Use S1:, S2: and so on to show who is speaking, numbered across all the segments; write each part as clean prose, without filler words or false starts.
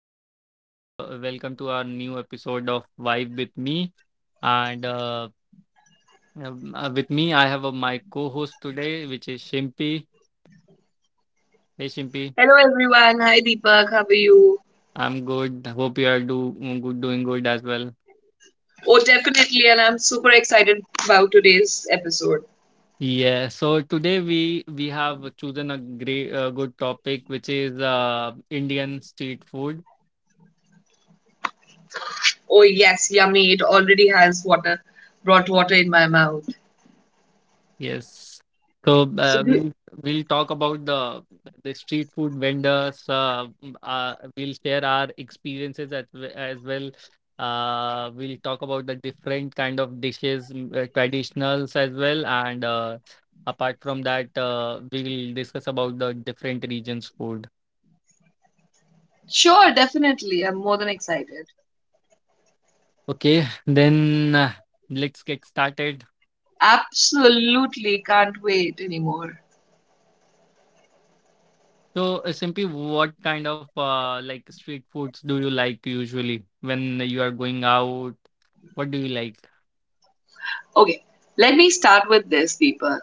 S1: and welcome to our new episode of Vibe with me. And with me, I have my co-host today, which is Shimpi. Hey Shimpi,
S2: Hello everyone. Hi Deepak. How are you?
S1: I'm good. Hope you are doing good as well.
S2: Oh, definitely. And I'm super excited about today's episode.
S1: Yeah. So today we have chosen a great good topic, which is Indian street food.
S2: Oh, yes. Yummy. It already has water, brought water in my mouth.
S1: Yes. So
S2: So do,
S1: we'll talk about the street food vendors. We'll share our experiences as well. We'll talk about the different kind of dishes, traditionals as well, and apart from that, we will discuss about the different regions' food.
S2: sure, definitely. I'm more than excited.
S1: Okay, then, let's get started.
S2: Absolutely can't wait anymore.
S1: So, Simpy, what kind of like street foods do you like usually when you are going out? What do you like?
S2: Okay, let me start with this, Deepak.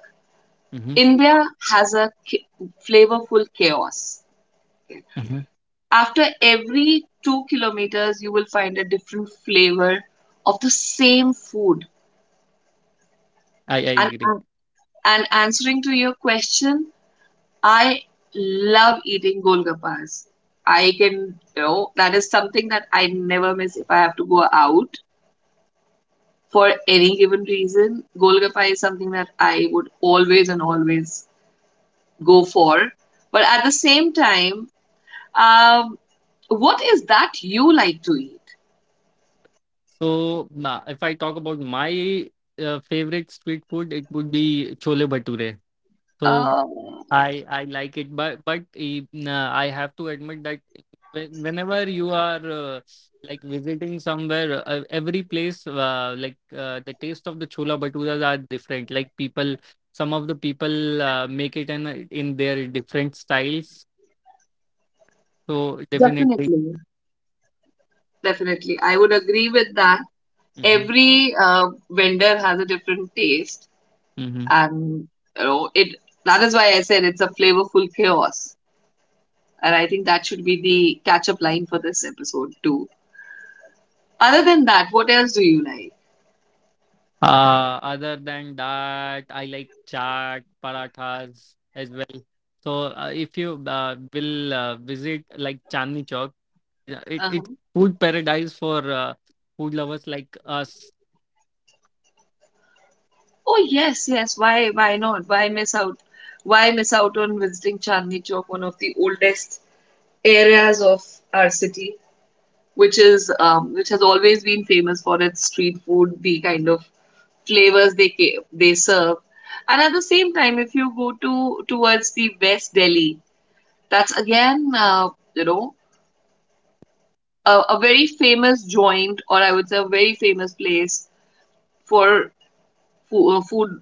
S1: Mm-hmm.
S2: India has a flavorful chaos. Okay.
S1: Mm-hmm.
S2: After every 2 kilometers, you will find a different flavor of the same food.
S1: I
S2: And,
S1: agree.
S2: and answering to your question, I love eating golgappas. I can, you know, that is something that I never miss if I have to go out for
S1: So as
S2: any given
S1: me.
S2: reason. Golgappa is something that I would always and always go for. But at the same time, um, what is that you like to eat?
S1: If I talk about my favorite street food, it would be chole bhature. So
S2: Um,
S1: I like it, but nah, I have to admit that whenever you are like visiting somewhere, every place like the taste of the chola bhaturas are different. Like people, some of the people make it in their different styles. So definitely.
S2: Definitely. Definitely, I would agree with that.
S1: Mhm,
S2: Every vendor has a different taste.
S1: mhm.
S2: And you know it, that is why I said it's a flavorful chaos, and I think that should be the catch up line for this episode too. Other than that, what else do you like?
S1: Other than that, I like chaat, parathas as well. So if you will visit like Chandni Chowk, yeah, it's
S2: Uh-huh.
S1: food paradise for food lovers like us.
S2: Oh yes, yes. Why not? Why miss out? Why miss out on visiting Chandni Chowk, one of the oldest areas of our city, which is which has always been famous for its street food, the kind of flavors they serve. And at the same time, if you go to towards the West Delhi, that's again, a very famous joint, or I would say a very famous place for food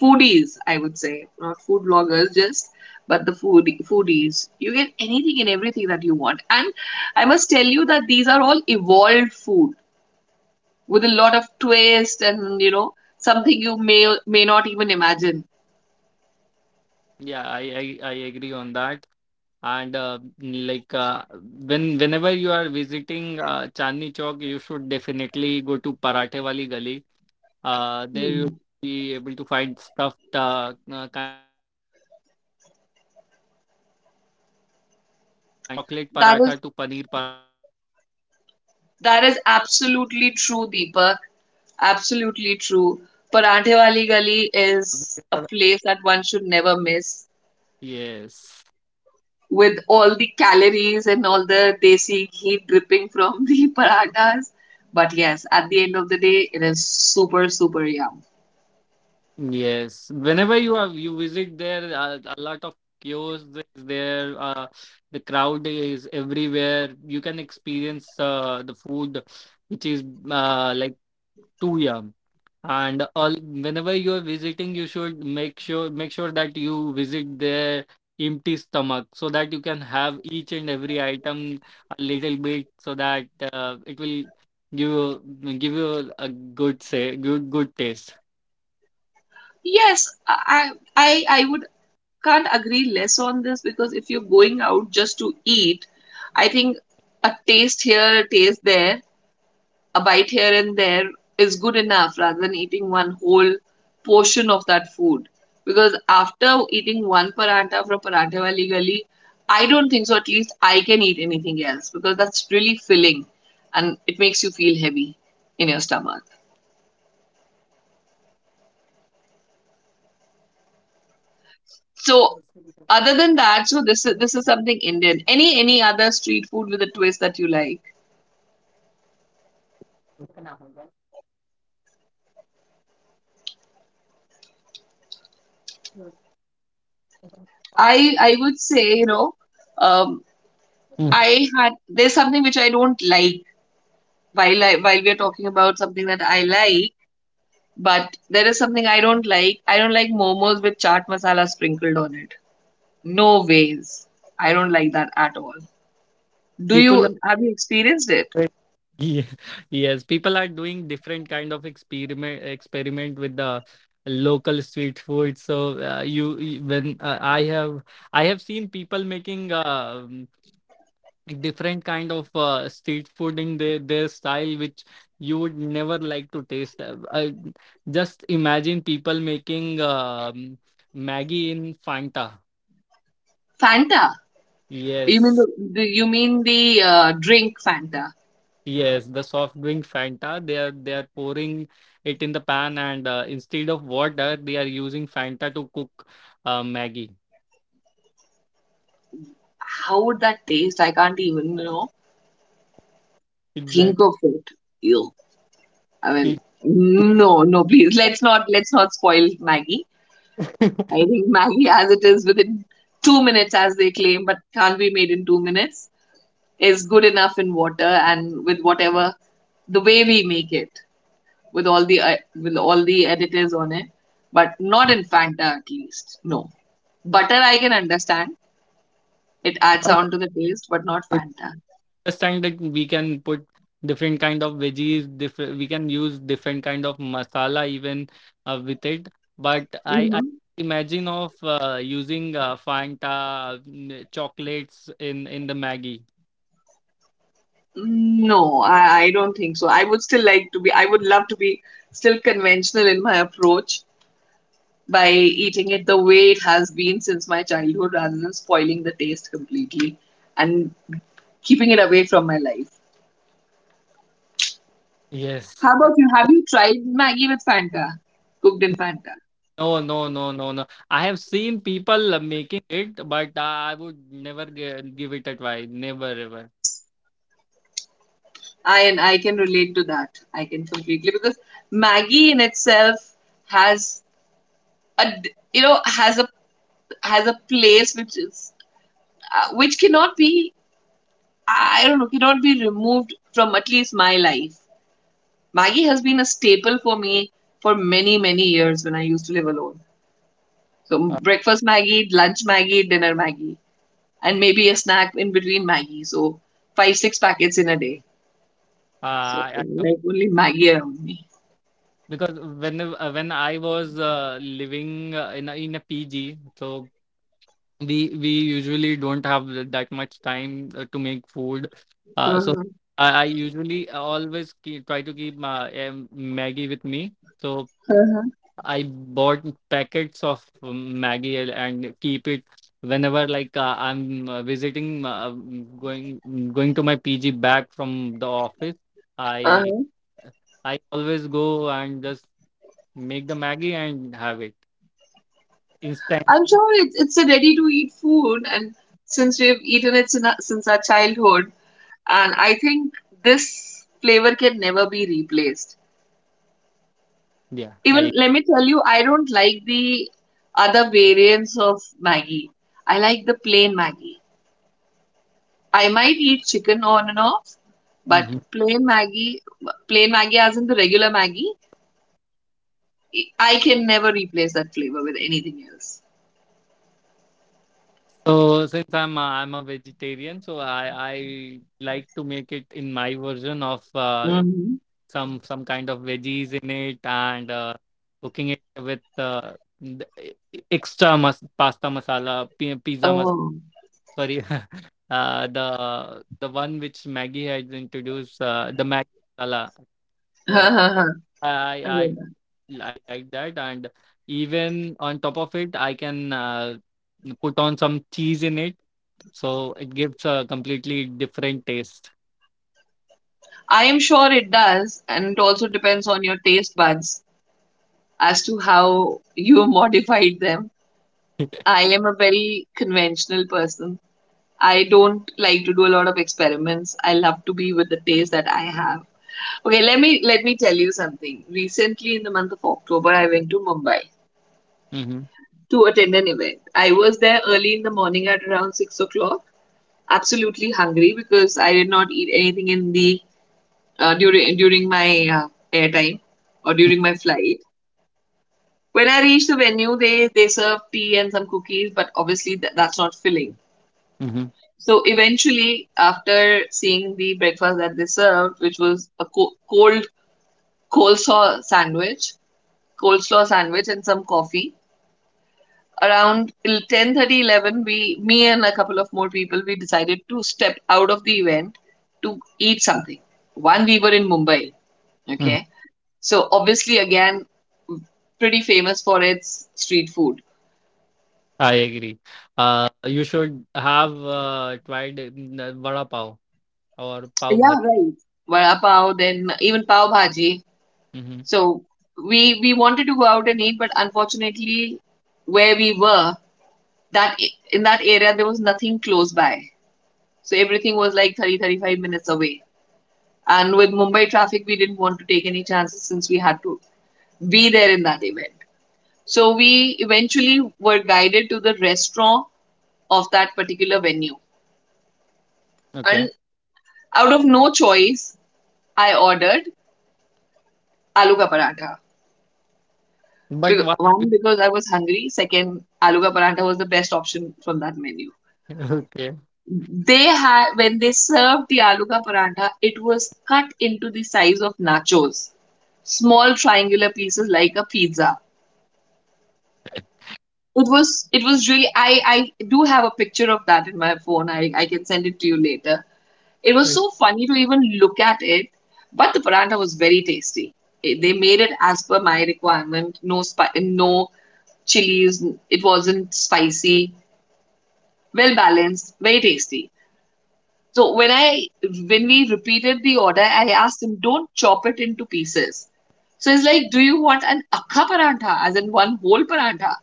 S2: foodies. I would say not food bloggers, just but the food foodies. You get anything and everything that you want, and I must tell you that these are all evolved food with a lot of twist, and something you may not even imagine.
S1: Yeah, I agree on that. And like whenever you are visiting Chandni Chowk, you should definitely go to Parathe Wali Gali. There
S2: Hmm.
S1: you'll be able to find stuffed kind of parathas, every kind of paratha, even from chocolate paratha to
S2: That is,
S1: paneer paratha, different kind of experiments
S2: that is
S1: people are doing
S2: absolutely true,
S1: these days
S2: Deepak.
S1: with the
S2: Absolutely
S1: street
S2: true.
S1: food.
S2: Paranthe Wali Gali
S1: Uh,
S2: is a place that one should never miss,
S1: yes.
S2: with all the calories and all the desi ghee dripping from the parathas. But yes, at the end of the day, it is super, super yum.
S1: Yes, whenever you visit there, a lot of kiosks is there. The crowd is everywhere. You can experience the food, which is like too yum. And all whenever you are visiting, you should make sure that you visit there empty stomach so that you can have each and every item a little bit so that it will give you give you a good say good good taste.
S2: Yes, I would can't agree less on this, because if you're going out just to eat, I think a taste here, a taste there, a bite here and there is good enough rather than eating one whole portion of that food. Because after eating one paranta
S1: I
S2: from Paranthe
S1: agree.
S2: Wali Gali, I don't think so. At least I can
S1: What
S2: eat
S1: what
S2: anything
S1: else
S2: else,
S1: do you
S2: because that's
S1: like,
S2: really
S1: Chimpy,
S2: filling
S1: apart
S2: and it
S1: from
S2: makes you feel
S1: those?
S2: heavy in your stomach. So, other than that, so this is something Indian. Any other street food with a twist that you like? I would say, um,
S1: Mm.
S2: I had, there's something which I don't like. While while we are talking about something that I like, but there is something I don't like. I don't like momos with chaat masala sprinkled on it. No ways. I don't like that at all. Do
S1: People are
S2: you have you experienced it?
S1: very- yeah, yes, people are doing different kind of experiment with the local street food. So when I have seen people making um, different kind of street food in their style, which you would never like to taste. Just imagine people making Maggie in Fanta.
S2: Fanta. You mean
S1: Yes.
S2: the you mean the drink Fanta?
S1: Yes, the soft drink Fanta, they are pouring it in the pan and instead of water, they are using Fanta to cook Maggie.
S2: How would that taste? I can't even think
S1: Exactly.
S2: of it. Ew. I mean, no, no, please, let's not spoil Maggie. I think Maggie, as it is within 2 minutes, as they claim, but can't be made in 2 minutes, is good enough in water and with whatever the way we make it, with all the additives on it, but not in Fanta at least. No, butter I can understand; it adds
S1: I
S2: on to the taste, but not Fanta.
S1: Understand that we can put different kind of veggies, different we can use different kind of masala even with it. But I
S2: Hmm.
S1: imagine of using Fanta chocolates in the Maggie.
S2: No, I don't think so. I would still like to be. I would love to be still conventional in my approach by eating it the way it has been since my childhood, rather than spoiling the taste completely and keeping it away from my life.
S1: Yes.
S2: How about you? Have you tried Maggie with Fanta? Cooked in Fanta?
S1: No, no, no, no, no. I have seen people making it, but I would never give it a try. Never, ever.
S2: I, and I can relate to that. I can completely, because Maggie in itself has a d- you know has a place which is which cannot be, I don't know, cannot be removed from at least my life. Maggie has been a staple for me for many, many years, when I used to live alone. So
S1: Uh,
S2: breakfast Maggie, lunch Maggie, dinner Maggie, and maybe a snack in between Maggie. So five, six packets in a day. So
S1: I, I,
S2: like only Maggie around me.
S1: because when I was living in a PG, so we usually don't have that much time to make food. So
S2: Uh-huh.
S1: I usually try to keep my Maggie with me. So.
S2: Uh-huh.
S1: I bought packets of Maggie and keep it whenever like I'm visiting, going going to my PG back from the office. I
S2: Uh-huh.
S1: I always go and just make the Maggie and have it instant.
S2: I'm sure it's a ready-to-eat food, and since we've eaten it sin- since our childhood, and I think this flavor can never be replaced.
S1: Yeah. I.
S2: Even let me tell you, I don't like the other variants of Maggie. I like the plain Maggie. I might eat chicken on and off, but
S1: Mhm.
S2: plain Maggie, plain Maggie, as in the regular Maggie, I can never replace that flavor with anything else.
S1: So since I'm a vegetarian, so I like to make it in my version of
S2: Hmm.
S1: some kind of veggies in it and cooking it with the e- e- extra mas- pasta masala pi- pizza mas-
S2: Oh,
S1: sorry uh, the the one which Maggie had introduced the Maggie masala, so
S2: I
S1: I I
S2: get that.
S1: I like that, and even on top of it I can put on some cheese in it so it gives a completely different taste.
S2: I am sure it does, and it also depends on your taste buds as to how you modified them. I am a very conventional person. I don't like to do a lot of experiments. I love to be with the taste that I have. Okay, let me tell you something. Recently, in the month of October, I went to Mumbai
S1: Hmm.
S2: to attend an event. I was there early in the morning at around 6 o'clock, absolutely hungry because I did not eat anything in the during during my airtime or during my flight. When I reached the venue, they served tea and some cookies, but obviously that's not filling.
S1: Hmm.
S2: So eventually, after seeing the breakfast that they served, which was a cold coleslaw sandwich, coleslaw sandwich and some coffee, around 10:30, 11, we, me and a couple of more people, we decided to step out of the event to eat something. One, we were in Mumbai. Okay, so obviously, again, pretty famous for its street food.
S1: I agree. You should have tried vada pav or pav
S2: Yeah,
S1: bhaji.
S2: right. Vada pav, then even pav bhaji.
S1: Hmm.
S2: So we wanted to go out and eat, but unfortunately, where we were, that in that area there was nothing close by. So everything was like thirty, thirty-five minutes away. And with Mumbai traffic, we didn't want to take any chances, since we had to be there in that event. So we eventually were guided to the restaurant of that particular venue.
S1: Okay,
S2: And out of no choice, I ordered aloo ka paratha.
S1: but
S2: Because,
S1: why?
S2: one, because I was hungry. Second, aloo ka paratha was the best option from that menu.
S1: Okay.
S2: They had, when they served the aloo ka parantha, it was cut into the size of nachos, small triangular pieces like a pizza. It was it was really, I do have a picture of that in my phone. I can send it to you later. It was so funny to even look at it, but the parantha was very tasty. It, they made it as per my requirement, no chilies, it wasn't spicy, well balanced, very tasty. So when I when we repeated the order, I asked him, "Don't chop it into pieces." So he's like, "Do you want an akka parantha, as in one whole parantha?"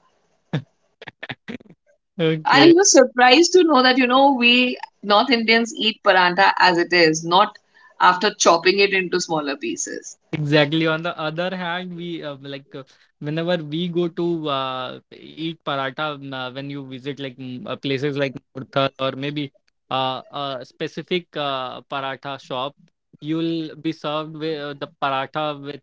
S2: And
S1: Okay.
S2: he was surprised to know that we North Indians eat parantha as it is, not after chopping it into smaller pieces.
S1: Exactly. On the other hand, we like whenever we go to eat paratha, when you visit like places like Murthal or maybe a specific paratha shop, you'll be served with the paratha with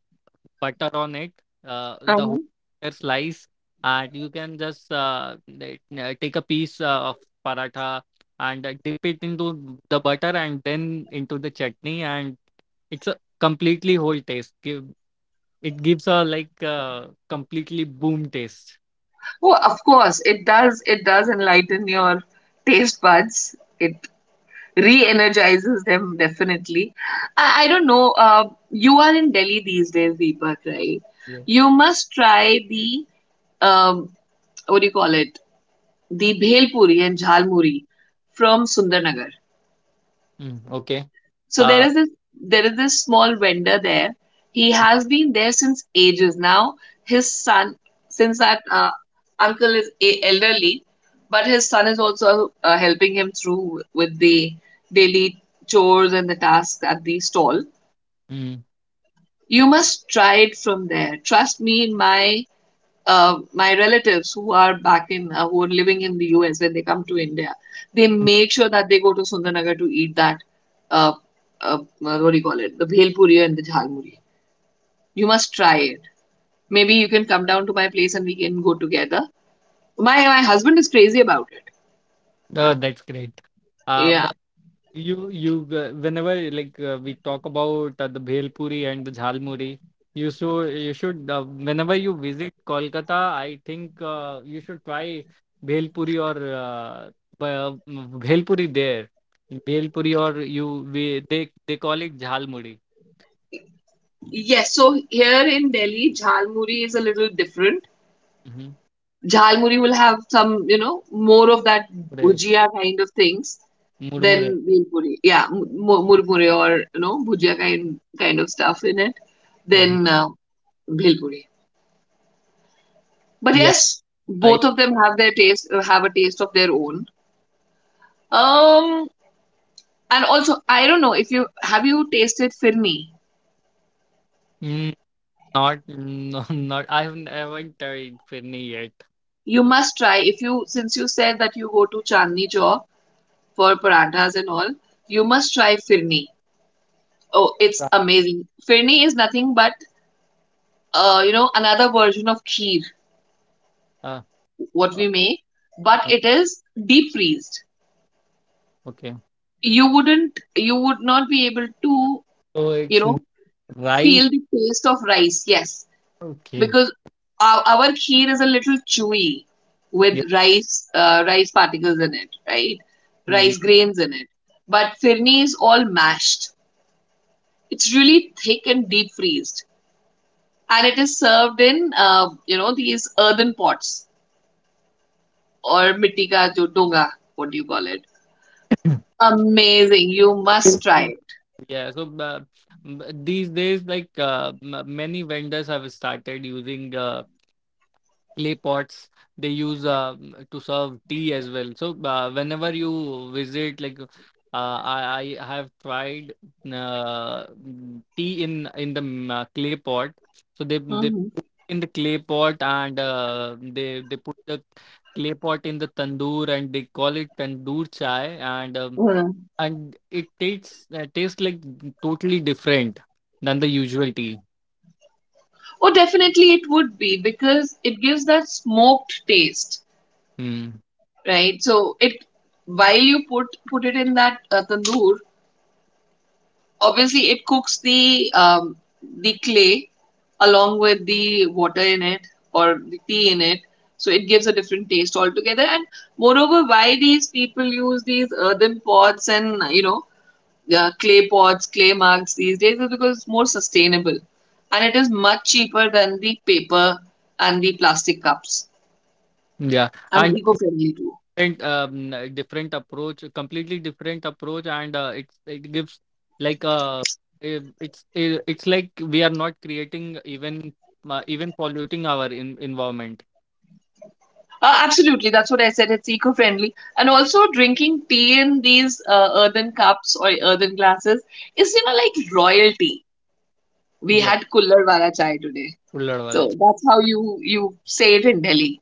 S1: butter on it, the
S2: Uh-huh.
S1: whole butter slice, and you can just like, take a piece of paratha and dip it into the butter and then into the chutney, and it's completely whole taste. Give It gives a like completely boom taste.
S2: Oh, of course, it does. It does enlighten your taste buds. It re-energizes them definitely. I don't know, you are in Delhi these days, Deepak, right?
S1: Yeah.
S2: You must try the um, what do you call it the bhel puri and jhal muri from Sundarnagar.
S1: Mm, okay.
S2: So
S1: Uh,
S2: there is this small vendor there. He has been there since ages now. His son, since that uncle is elderly, but his son is also helping him through with the daily chores and the tasks at the stall.
S1: mm,
S2: You must try it from there, trust me. In my relatives who are back in who are living in the US, when they come to India, they make sure that they go to Sundarnagar to eat that. Uh, uh, what do you call it? The bhel puri and the jhal muri. You must try it. Maybe you can come down to my place and we can go together. My husband is crazy about it.
S1: oh, that's great.
S2: Yeah.
S1: But you whenever like we talk about the bhel puri and the jhalmuri, you should whenever you visit Kolkata, I think you should try bhel puri or uh, bhel puri there. Bhel puri, or you we they call it jhalmuri.
S2: Yes. So here in Delhi, jhal muri is a little different. Jhalmuri will have some, you know, more of that
S1: Mm-hmm.
S2: bhujia kind of things than bhel puri. Yeah, murmure or you know bhujia kind of stuff in it than
S1: Mhm.
S2: bhel. But
S1: Yeah,
S2: yes,
S1: I
S2: both of them have their taste, have a taste of their own. Um, and also, I don't know if you have you tasted firni.
S1: mm, not no, not I have never tried Finny yet.
S2: You must try, if you, since you said that you go to Chandni Chowk for parathas and all. You must try firni. Oh, it's
S1: Right.
S2: amazing. Firni is nothing but you know another version of kheer,
S1: Uh,
S2: what
S1: uh,
S2: we make, but
S1: uh,
S2: it is deep freezed.
S1: okay.
S2: You would not be able to,
S1: So
S2: you
S1: it's
S2: know,
S1: rice.
S2: feel the taste of rice. Yes,
S1: Okay.
S2: because our kheer is a little chewy
S1: Yeah.
S2: with rice, rice particles in it, right?
S1: Mhm.
S2: Rice grains in it. But firni is all mashed. It's really thick and deep freezed. And it is served in you know these earthen pots or mitti ka jo donga, what do you call it? Amazing, you must try it.
S1: Yeah. So these days, like many vendors have started using clay pots, they use to serve tea as well. So whenever you visit, like I have tried tea in the clay pot. So they
S2: Mhm.
S1: put in the clay pot, and they put the clay pot in the tandoor, and they call it tandoor chai,
S2: Yeah.
S1: and it tastes like totally different than the usual tea.
S2: Oh definitely it would be because it gives that smoked taste,
S1: Mm.
S2: right? So it, while you put it in that tandoor, obviously, it cooks the clay along with the water in it or the tea in it, so it gives a different taste altogether. And moreover, why these people use these earthen pots and you know clay pots, clay mugs these days is because it's more sustainable, and it is much cheaper than the paper and the plastic cups,
S1: Yeah.
S2: and
S1: And.
S2: eco-friendly too.
S1: Different different approach a completely different approach, and it gives like it's like we are not creating even even polluting our environment.
S2: Absolutely, that's what I said. It's eco-friendly, and also drinking tea in these earthen cups or earthen glasses is, you know, like royalty. We
S1: Yeah.
S2: had kullar wala chai today,
S1: Ullad wala
S2: so
S1: ch-
S2: that's how you say it in Delhi.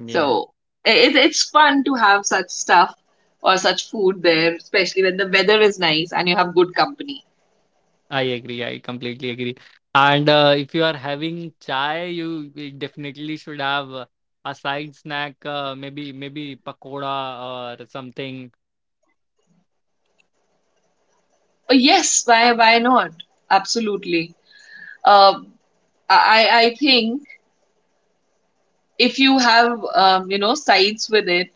S1: yeah,
S2: So it's fun to have such stuff or such food there, especially when the weather is nice and you have good company.
S1: I completely agree. And if you are having chai, definitely should have a side snack, maybe pakoda or something.
S2: But yes, why not? Absolutely. Um, I think if you have you know sides with it.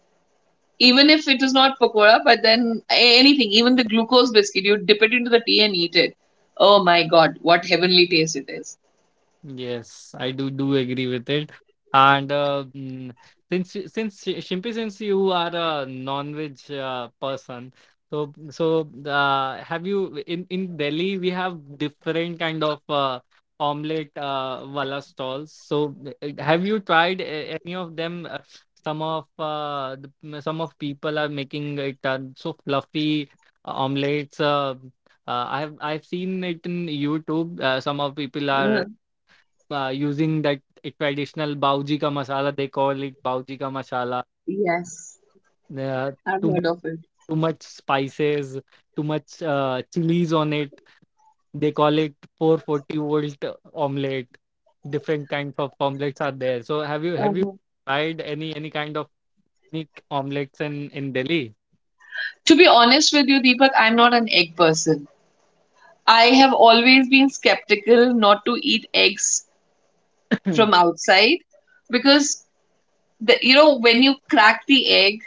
S2: Even if it is not pakora, but then anything, even the glucose biscuit, you dip it into the tea and eat it. Oh my God, what heavenly taste it is.
S1: Yes, I do agree with it. And since you- since Shi- Shimpi, since you are a non-veg person, so have you in Delhi we have different kind of omelette wala stalls. So have you tried any of them? Some of people are making it so fluffy omelettes. I've seen it in YouTube. Some of people
S2: Uh,
S1: are using that traditional bauji ka masala. They call it bauji ka masala.
S2: yes,
S1: Uh,
S2: I've
S1: Too much,
S2: heard of it.
S1: too much spices, too much chilies on it. They call it 440 volt omelette. Different kinds of omelets are there. So have you
S2: Uh-huh.
S1: tried any kind of unique omelets in Delhi?
S2: To be honest with you, Deepak, I'm not an egg person. I have always been skeptical not to eat eggs from outside because the, you know when you crack the egg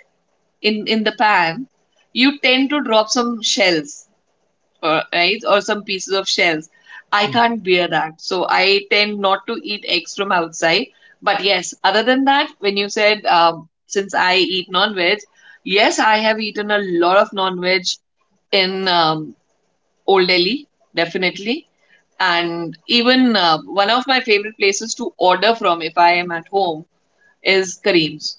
S2: in the pan, you tend to drop some shells right? Or some pieces of shells. I
S1: Mm,
S2: can't bear that. So I tend not to eat eggs from outside. But yes, other than that, when you said since I eat non veg, yes, I have eaten a lot of non veg in Old Delhi, definitely. And even one of my favorite places to order from if I am at home is Kareem's,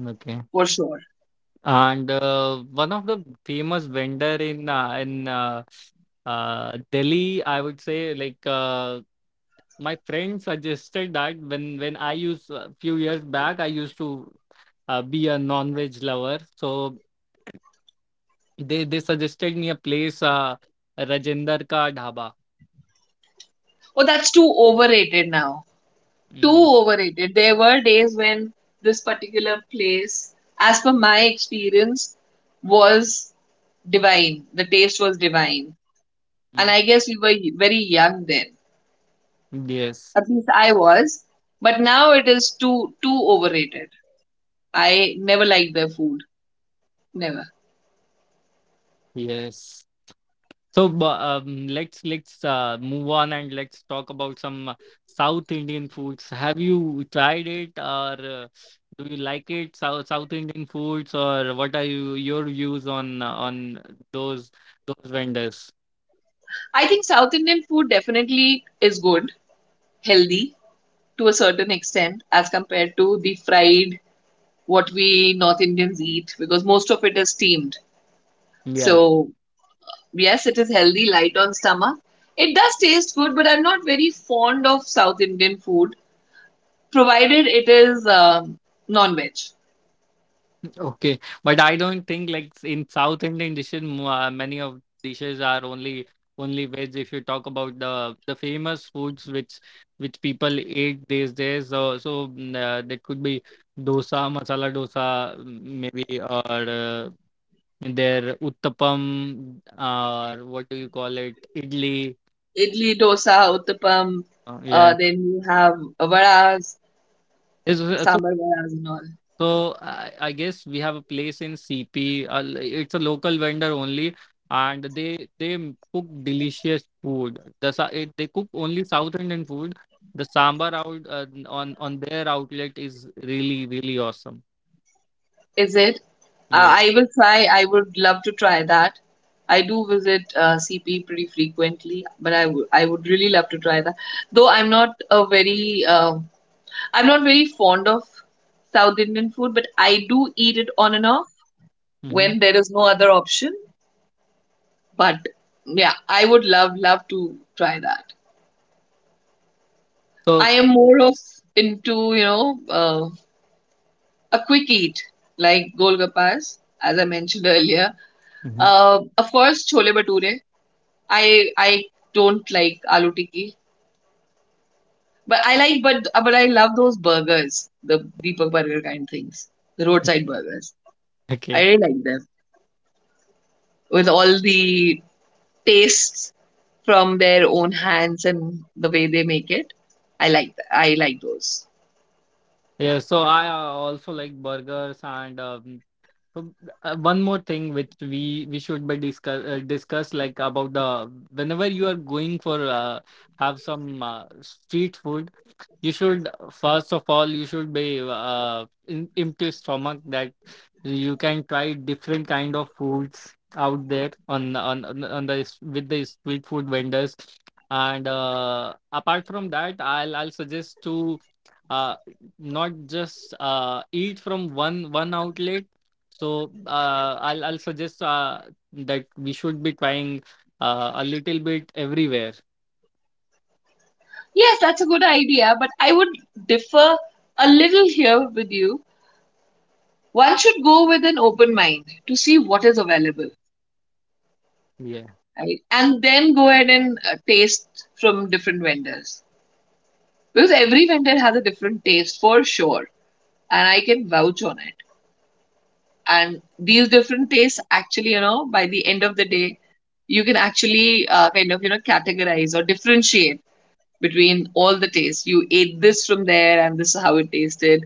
S1: Okay.
S2: for sure.
S1: And one of the famous vendor in Delhi, I would say, like my friend suggested that when I used a few years back, I used to be a non-veg lover. So they suggested me a place, Rajender Ka Dhaba.
S2: Oh, that's too overrated now. Too
S1: Mm,
S2: overrated. There were days when this particular place, as per my experience, was divine. The taste was divine. And
S1: mm.
S2: I guess we were very young then.
S1: Yes,
S2: At least I was. But now it is too too overrated. I never liked their food. Never.
S1: yes. So let's move on and let's talk about some South Indian foods. Have you tried it, or do you like it? South Indian foods, or what are your views on those vendors?
S2: I think South Indian food definitely is good, healthy to a certain extent as compared to the fried what we North Indians eat because most of it is steamed.
S1: Yeah,
S2: So yes, it is healthy, light on stomach. It does taste good, but I'm not very fond of South Indian food, provided it is non-veg.
S1: okay. But I don't think like in South Indian dishes, many of dishes are only veg. If you talk about the famous foods which people eat these days, that could be dosa, masala dosa, maybe, or their uttapam, or what do you call it, idli.
S2: Idli, dosa, uttapam,
S1: Yeah.
S2: then you have varas, sambar varas and all.
S1: So I guess we have a place in CP. It's a local vendor only, and they cook delicious food. They cook only South Indian food. The sambar out on their outlet is really really awesome.
S2: Is it?
S1: Yeah.
S2: I will try. I would love to try that. I do visit CP pretty frequently, but I would really love to try that. Though I'm not a very I'm not very fond of South Indian food, but I do eat it on and off
S1: Hmm.
S2: when there is no other option. But yeah, I would love, love to try that. I
S1: So
S2: am more of into, you know, a quick eat like golgappas, as I mentioned earlier.
S1: Mhm.
S2: Of course, chole bhature. I don't like aloo tikki, but I like but I love those burgers, the Deepak Burger kind things, the roadside burgers. I
S1: Okay.
S2: really like them. With all the tastes from their own hands and the way they make it. I like those.
S1: Yeah. So I also like burgers. And. So one more thing which we should be discuss like about the whenever you are going for have some street food, you should first of all you should be in empty stomach that you can try different kind of foods out there with the street food vendors, and apart from that, I'll suggest to uh, not just eat from one outlet. So I'll suggest that we should be trying a little bit everywhere.
S2: Yes, that's a good idea, but I would differ a little here with you. One should go with an open mind to see what is available,
S1: Yes.
S2: right? And then go ahead and taste from different vendors because every vendor has a different taste for sure, and I can vouch on it. And these different tastes actually, you know, by the end of the day you can actually kind of you know categorize or differentiate between all the tastes. You ate this from there and this is how it tasted,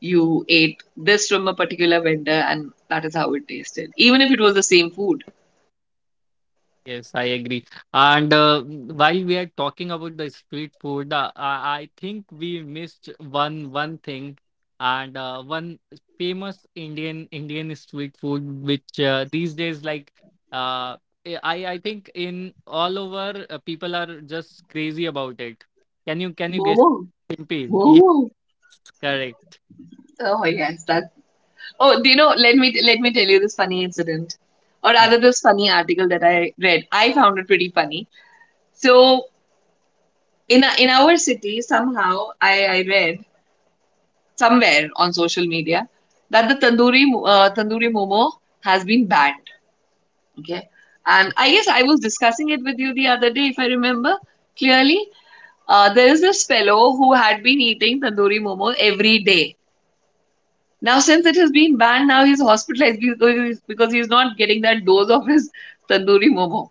S2: you ate this from a particular vendor and that is how it tasted, even if it was the same food.
S1: Yes, I agree. And while we are talking about the street food, I think we missed one thing, and one famous Indian street food, which these days like uh, I think in all over people are just crazy about it. Can you guess?
S2: Momo.
S1: Simple. Yes,
S2: Momo.
S1: correct.
S2: Oh yes, that. Oh, do you know? Let me tell you this funny incident, or
S1: Okay.
S2: rather, this funny article that I read. I found it pretty funny. So in our city somehow I read somewhere on social media that the tandoori momo has been banned, okay, and I guess I was discussing it with you the other day if I remember clearly. There is this fellow who had been eating tandoori momo every day. Now since it has been banned, now he's hospitalized because he's not getting that dose of his tandoori momo.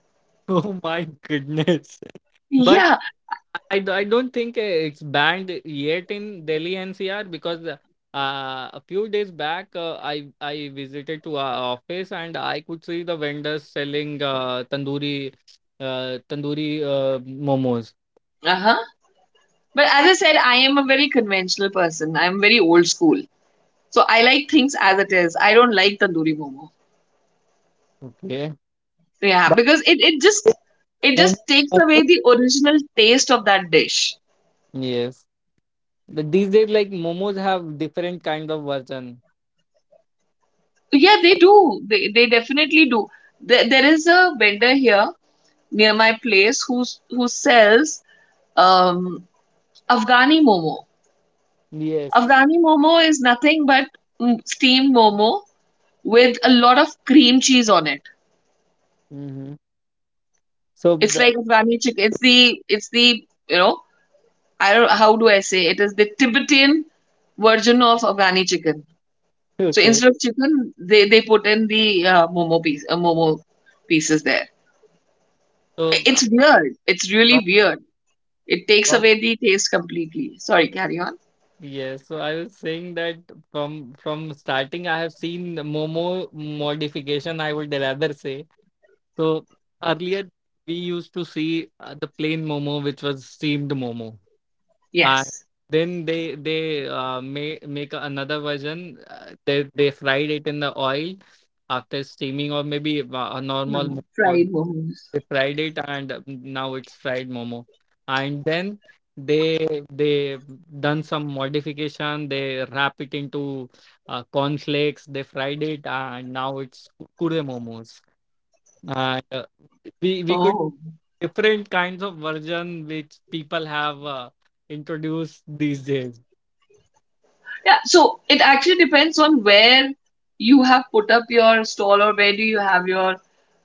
S1: Oh my goodness.
S2: Yeah.
S1: I don't think it's banned yet in Delhi NCR because a few days back, I visited to our office and I could see the vendors selling tandoori momos.
S2: Uh-huh. But as I said, I am a very conventional person, I'm very old school. So I like things as it is. I don't like tandoori momo.
S1: Okay,
S2: Yeah,
S1: but
S2: because it just it
S1: mom-
S2: just takes away
S1: momos,
S2: the original taste of that dish.
S1: yes, but these days like momos have different kind of version.
S2: Yeah, they do. They definitely do. There is a vendor here near my place who sells um, Afghani momo.
S1: Yes.
S2: Afghani momo is nothing but steamed momo with a lot of cream cheese on it.
S1: Hmm. So
S2: It's
S1: the,
S2: like Afghani chicken. It's the you know, I don't how do I say, it is the Tibetan version of Afghani chicken. So
S1: okay.
S2: instead of chicken, they put in the momo piece, momo pieces there. I- It's weird. It's really weird. It takes
S1: So,
S2: away the taste completely. Sorry, carry on.
S1: yes, so I was saying that from starting, I have seen the Momo modification, I would rather say. So earlier we used to see the plain Momo, which was steamed Momo, and
S2: Yes.
S1: then they make another version. They fried it in the oil after steaming, or maybe a normal
S2: Hmm, fried
S1: Momo,
S2: momos.
S1: they fried it, and now it's fried momo. And then they done some modification, they wrap it into corn flakes, they fried it, and now it's kure momos. And we could
S2: Oh,
S1: different kinds of version which people have introduced these days.
S2: yeah. So it actually depends on where you have put up your stall or where do you have your,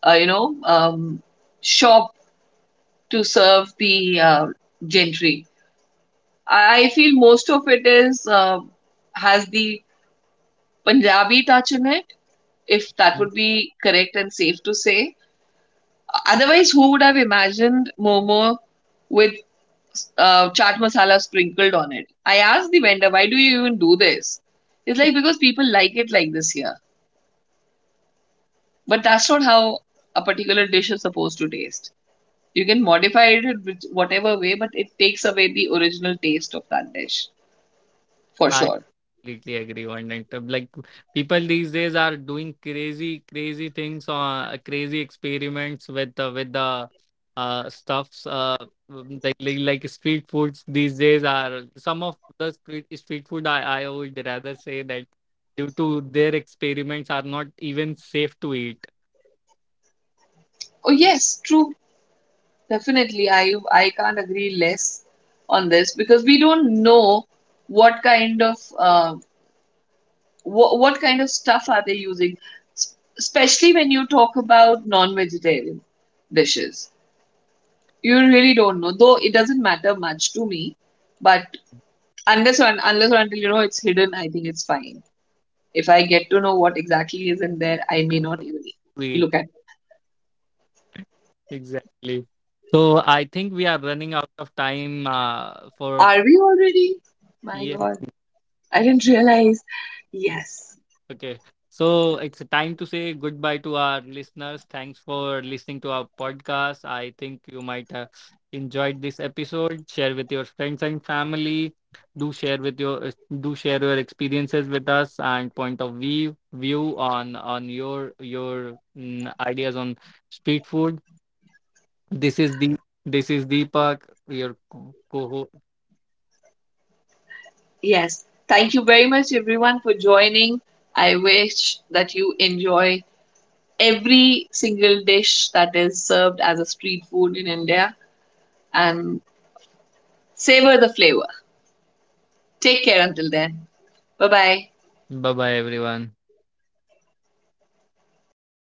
S2: you know, shop to serve the gentry. I feel most of it is has the Punjabi touch in it, if that would be correct and safe to say. Otherwise, who would have imagined momo with chaat masala sprinkled on it? I asked the vendor, "Why do you even do this?" It's like because people like it like this here, but that's not how a particular dish is supposed to taste. You can modify it with whatever way, but it takes away the original taste of that dish for sure.
S1: Completely agree on that. Like people these days are doing crazy, crazy things on crazy experiments with the stuffs. Like, like street foods these days are some of the street food. I would rather say that due to their experiments are not even safe to eat.
S2: Oh yes, true. Definitely, I can't agree less on this because we don't know what kind of what kind of stuff are they using. S- especially when you talk about non-vegetarian dishes. You really don't know, though it doesn't matter much to me. But unless or until you know it's hidden, I think it's fine. If I get to know what exactly is in there, I may
S1: To
S2: not even look
S1: eat
S2: at.
S1: exactly. So I think we are running out of time for.
S2: Are we already? My
S1: Yeah.
S2: God, I didn't realize. Yes.
S1: Okay. So it's time to say goodbye to our listeners. Thanks for listening to our podcast. I think you might have enjoyed this episode. Share with your friends and family. Do share your experiences with us, and point of view, on your ideas on street food. This is the this is Deepak, your co-host.
S2: Yes. Thank you very much, everyone, for joining. I wish that you enjoy every single dish that is served as a street food in India and savor the flavor. Take care until then. Bye bye.
S1: Bye bye everyone.